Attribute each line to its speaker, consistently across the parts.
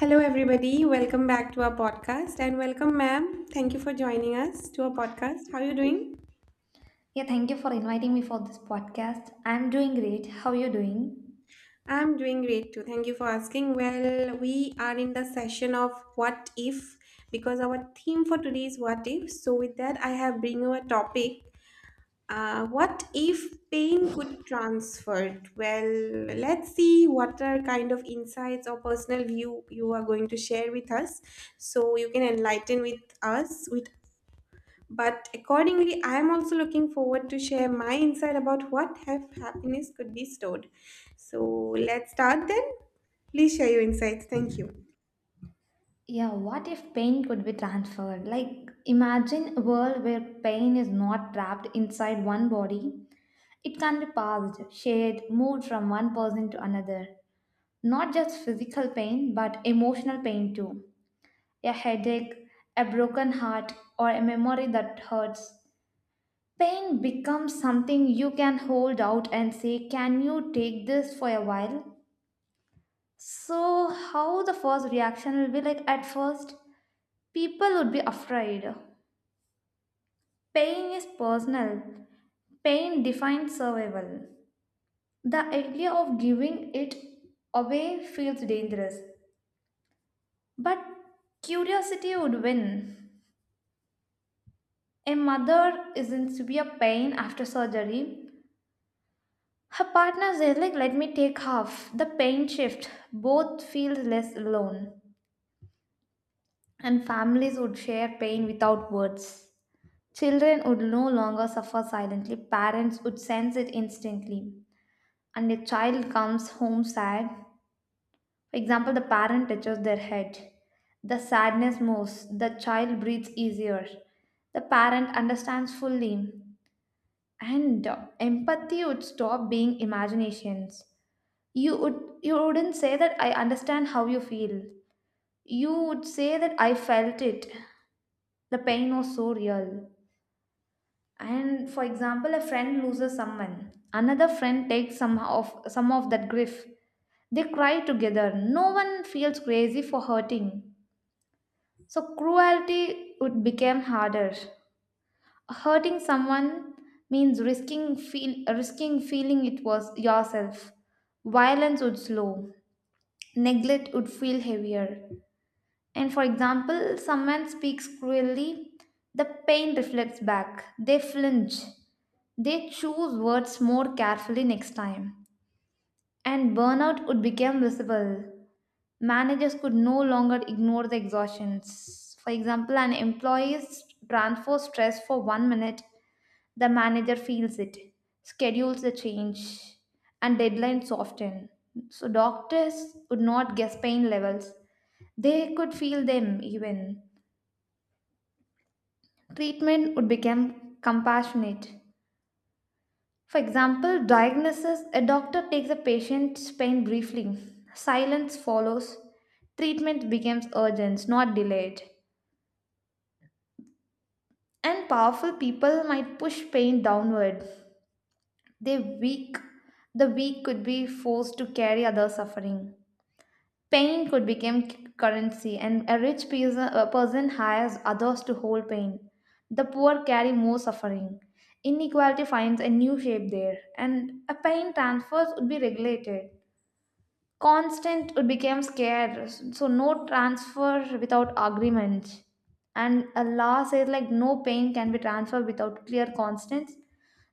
Speaker 1: Hello, everybody. Welcome back to our podcast and welcome, ma'am. Thank you for joining us to our podcast. How are you doing?
Speaker 2: Yeah, thank you for inviting me for this podcast. I'm doing great. How are you doing?
Speaker 1: I'm doing great too. Thank you for asking. Well, we are in the session of what if because our theme for today is what if. So, with that, I have bring you a topic. What if pain could transfer? Well, let's see what are kind of insights or personal view you are going to share with us so you can enlighten with us with but accordingly, I am also looking forward to share my insight about what if happiness could be stored. So let's start then. Please share your insights. Thank you.
Speaker 2: Yeah, what if pain could be transferred? Like, imagine a world where pain is not trapped inside one body. It can be passed, shared, moved from one person to another. Not just physical pain, but emotional pain too. A headache, a broken heart, or a memory that hurts. Pain becomes something you can hold out and say, can you take this for a while? So, how the first reaction will be like at first? People would be afraid. Pain is personal, pain defines survival. The idea of giving it away feels dangerous, but curiosity would win. A mother is in severe pain after surgery. Her partner says, like, let me take half. The pain shift. Both feel less alone. And families would share pain without words. Children would no longer suffer silently, parents would sense it instantly. And a child comes home sad. For example, the parent touches their head. The sadness moves, the child breathes easier. The parent understands fully. And empathy would stop being imaginations. You wouldn't say that I understand how you feel. You would say that I felt it. The pain was so real. And for example, a friend loses someone, another friend takes some of that grief. They cry together, no one feels crazy for hurting. So cruelty would become harder. Hurting someone means risking feeling it was yourself. Violence would slow, neglect would feel heavier. And for example, someone speaks cruelly, the pain reflects back. They flinch. They choose words more carefully next time. And burnout would become visible. Managers could no longer ignore the exhaustions. For example, an employee transfers stress for 1 minute, the manager feels it, schedules the change, and deadlines soften. So doctors would not guess pain levels. They could feel them even. Treatment would become compassionate. For example, diagnosis, a doctor takes a patient's pain briefly, silence follows, treatment becomes urgent, not delayed. And powerful people might push pain downward. They weak the weak could be forced to carry other suffering. Pain could become currency, and a rich peas- a person hires others to hold pain. The poor carry more suffering. Inequality finds a new shape there, and a pain transfers would be regulated. Constant would become scarce, so no transfer without agreement. And a law says, like, no pain can be transferred without clear constants.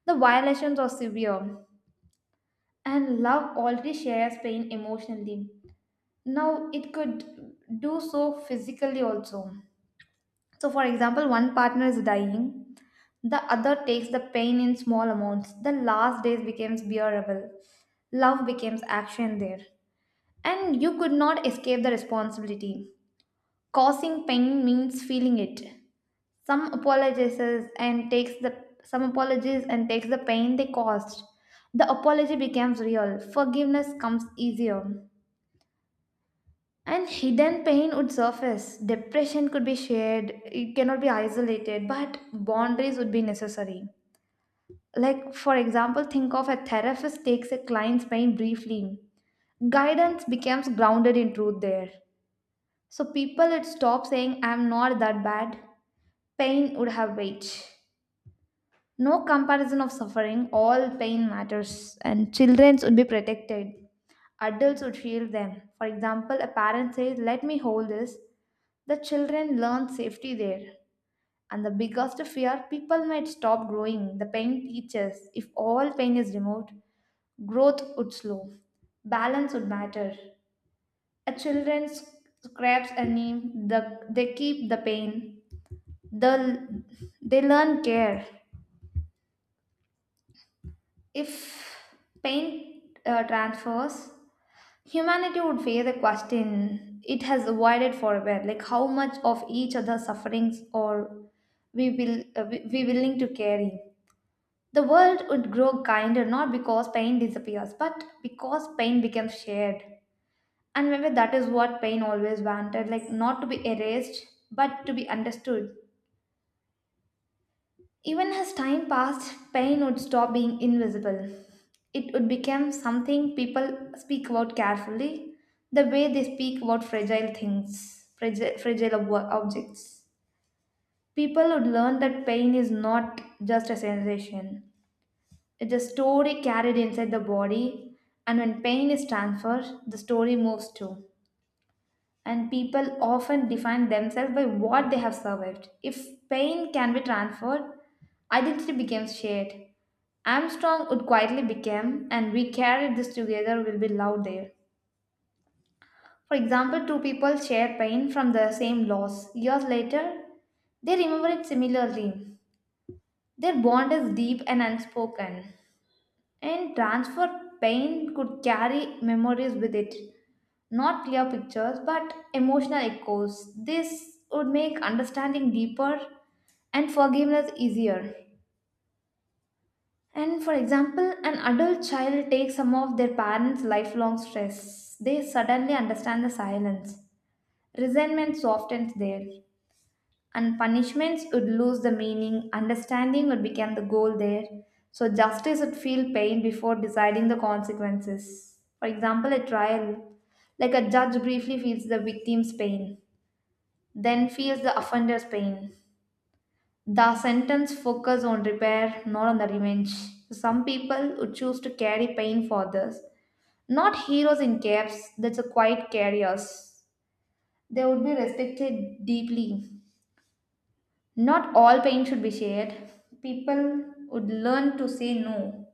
Speaker 2: The violations are severe, and love already shares pain emotionally, now it could do so physically also. So for example, one partner is dying, the other takes the pain in small amounts, the last days becomes bearable. Love becomes action there. And you could not escape the responsibility. Causing pain means feeling it. some apologizes and takes the some apologies and takes the pain they caused. The apology becomes real, forgiveness comes easier. And hidden pain would surface. Depression could be shared, it cannot be isolated, but boundaries would be necessary. Like, for example, think of a therapist takes a client's pain briefly. Guidance becomes grounded in truth there. So people would stop saying, I'm not that bad. Pain would have weight. No comparison of suffering, all pain matters, and children should be protected. Adults should shield them. For example, a parent says, let me hold this. The children learn safety there. And the biggest fear, people might stop growing. The pain teaches. If all pain is removed, growth would slow. Balance would matter. A children scraps a knee, they keep the pain. The, they learn care. If pain transfers, humanity would face the question it has avoided forever, like how much of each other's sufferings or we willing to carry. The world would grow kinder, not because pain disappears, but because pain becomes shared. And maybe that is what pain always wanted, like not to be erased, but to be understood. Even as time passed, pain would stop being invisible. It would become something people speak about carefully, the way they speak about fragile things, fragile objects. People would learn that pain is not just a sensation, it's a story carried inside the body, and when pain is transferred, the story moves too. And people often define themselves by what they have survived. If pain can be transferred, identity becomes shared. Armstrong would quietly become, and we carried this together will be loud there. For example, two people share pain from the same loss. Years later, they remember it similarly. Their bond is deep and unspoken. And transfer pain could carry memories with it. Not clear pictures, but emotional echoes. This would make understanding deeper and forgiveness easier. And for example, an adult child takes some of their parents' lifelong stress. They suddenly understand the silence. Resentment softens there. And punishments would lose the meaning, understanding would become the goal there. So justice would feel pain before deciding the consequences. For example, a trial, like a judge briefly feels the victim's pain, then feels the offender's pain. The sentence focus on repair, not on the revenge. So some people would choose to carry pain for others, not heroes in caps, that's a quiet carriers. They would be respected deeply. Not all pain should be shared. People would learn to say no.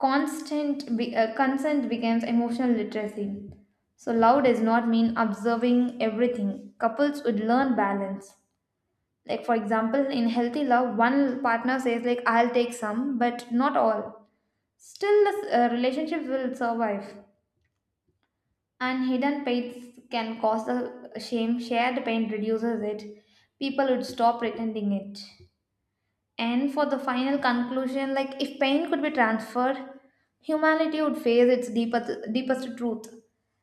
Speaker 2: Consent becomes emotional literacy. So love does not mean observing everything. Couples would learn balance. Like for example, in healthy love, one partner says, like, I'll take some, but not all. Still, the relationship will survive. And hidden pains can cause the shame. Shared pain reduces it. People would stop pretending it. And for the final conclusion, like if pain could be transferred, humanity would face its deepest, deepest truth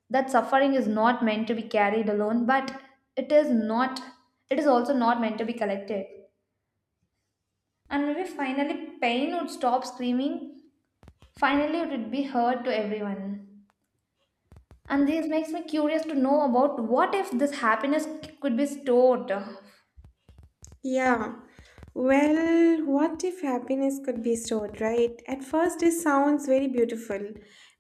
Speaker 2: that suffering is not meant to be carried alone, but it is not, it is also not meant to be collected. And maybe finally, pain would stop screaming. Finally, it would be heard to everyone. And this makes me curious to know about what if this happiness could be stored
Speaker 1: Yeah. Well, what if happiness could be stored, right? At first, it sounds very beautiful,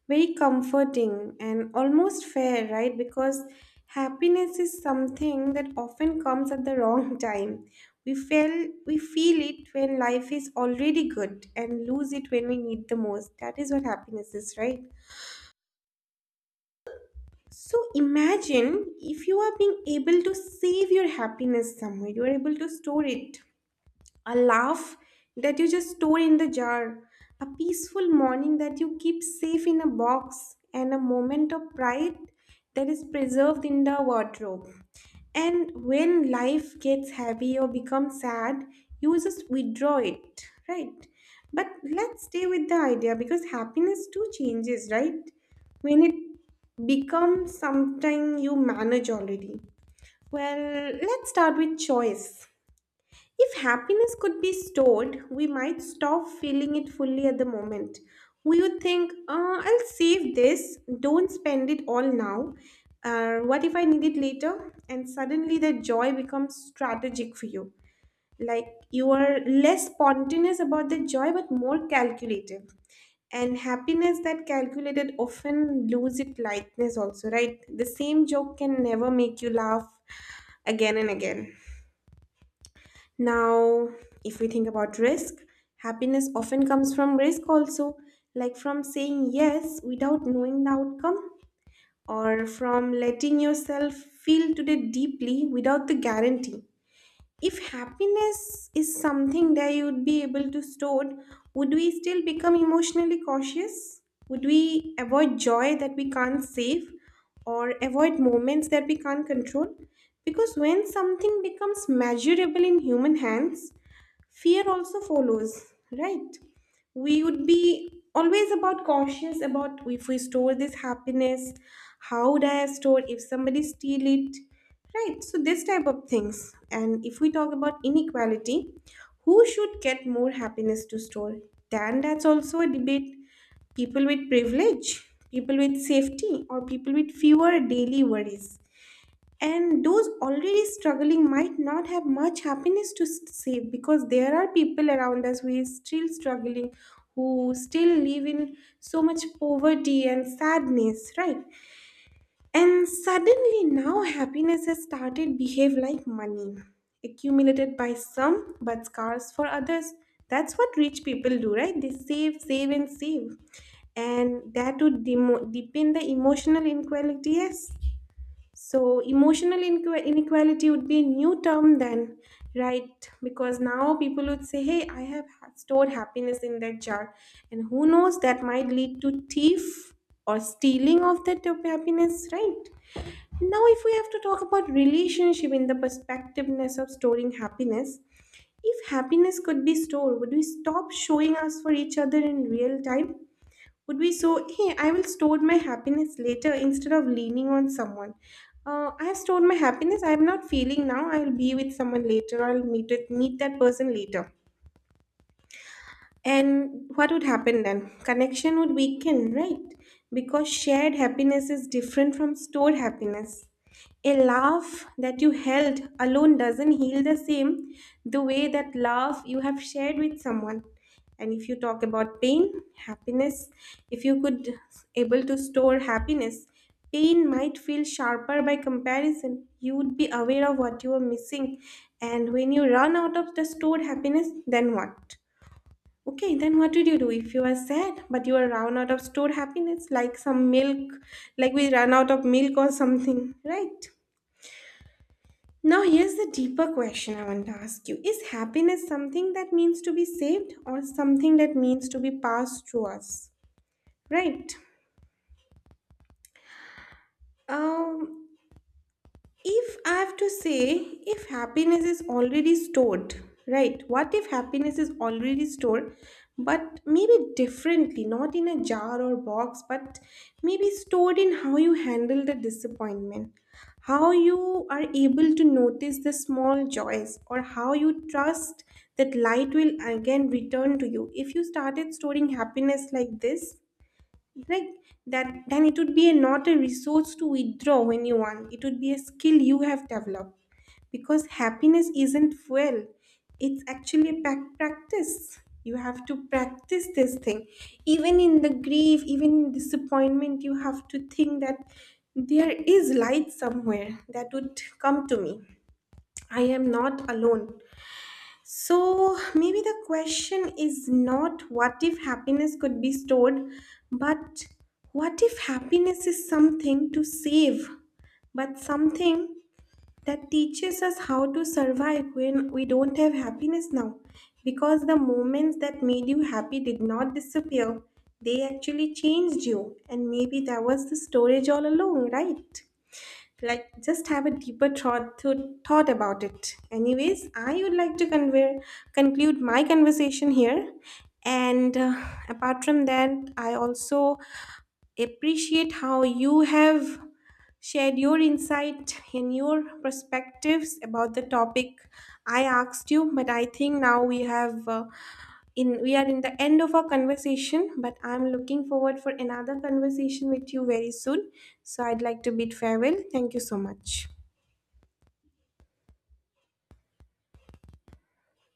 Speaker 1: very comforting, and almost fair, right? Because happiness is something that often comes at the wrong time. We feel it when life is already good and lose it when we need the most. That is what happiness is, right? So imagine if you are being able to save your happiness somewhere, you are able to store it, a laugh that you just store in the jar, a peaceful morning that you keep safe in a box, and a moment of pride that is preserved in the wardrobe. And when life gets heavy or becomes sad, you just withdraw it, right? But let's stay with the idea because happiness too changes, right? When it becomes something you manage already. Well, let's start with choice. If happiness could be stored, we might stop feeling it fully at the moment. We would think, I'll save this, don't spend it all now. What if I need it later? And suddenly the joy becomes strategic for you. Like you are less spontaneous about the joy but more calculative. And happiness that calculated often lose its lightness also, right? The same joke can never make you laugh again and again. Now, if we think about risk, happiness often comes from risk also, like from saying yes without knowing the outcome, or from letting yourself feel today deeply without the guarantee. If happiness is something that you would be able to store, would we still become emotionally cautious? Would we avoid joy that we can't save or avoid moments that we can't control? Because when something becomes measurable in human hands, fear also follows, right? We would be always about cautious about if we store this happiness, how would I store if somebody steal it, right? So this type of things. And if we talk about inequality, who should get more happiness to store? Then that's also a debate. People with privilege, people with safety, or people with fewer daily worries, and those already struggling might not have much happiness to save because there are people around us who is still struggling, who still live in so much poverty and sadness, right? And suddenly now happiness has started behave like money, accumulated by some but scarce for others. That's what rich people do, right? They save, save, and save, and that would deepen the emotional inequality, yes. So, emotional inequality would be a new term then, right? Because now people would say, hey, I have stored happiness in that jar. And who knows, that might lead to thief or stealing of that happiness, right? Now, if we have to talk about relationship in the perspectiveness of storing happiness, if happiness could be stored, would we stop showing us for each other in real time? Would be so, hey, I will store my happiness later instead of leaning on someone. I have stored my happiness, I'm not feeling now, I'll be with someone later, I'll meet that person later. And what would happen then? Connection would weaken, right? Because shared happiness is different from stored happiness. A laugh that you held alone doesn't heal the same the way that laugh you have shared with someone. And if you talk about pain, happiness, if you could able to store happiness, pain might feel sharper by comparison. You would be aware of what you are missing. And when you run out of the stored happiness, then what? Okay, then what did you do if you are sad but you are run out of stored happiness, like some milk, like we run out of milk or something, right? Now, here's the deeper question I want to ask you: is happiness something that means to be saved or something that means to be passed through us, right? Um, If I have to say, if happiness is already stored, right? What if happiness is already stored, but maybe differently, not in a jar or box, but maybe stored in how you handle the disappointment, how you are able to notice the small joys, or how you trust that light will again return to you. If you started storing happiness like this, like that, then it would be a, not a resource to withdraw when you want. It would be a skill you have developed because happiness isn't fuel. It's actually a practice. You have to practice this thing. Even in the grief, even in disappointment, you have to think that there is light somewhere that would come to me. I am not alone. So maybe the question is not what if happiness could be stored, but what if happiness is something to save, but something that teaches us how to survive when we don't have happiness now? Because the moments that made you happy did not disappear, they actually changed you, and maybe that was the storage all along, right? Like just have a deeper thought, thought about it. Anyways, I would like to convey, conclude my conversation here, and apart from that, I also appreciate how you have shared your insight and your perspectives about the topic I asked you. But I think now we have, in we are in the end of our conversation, but I'm looking forward for another conversation with you very soon. So I'd like to bid farewell. Thank you so much.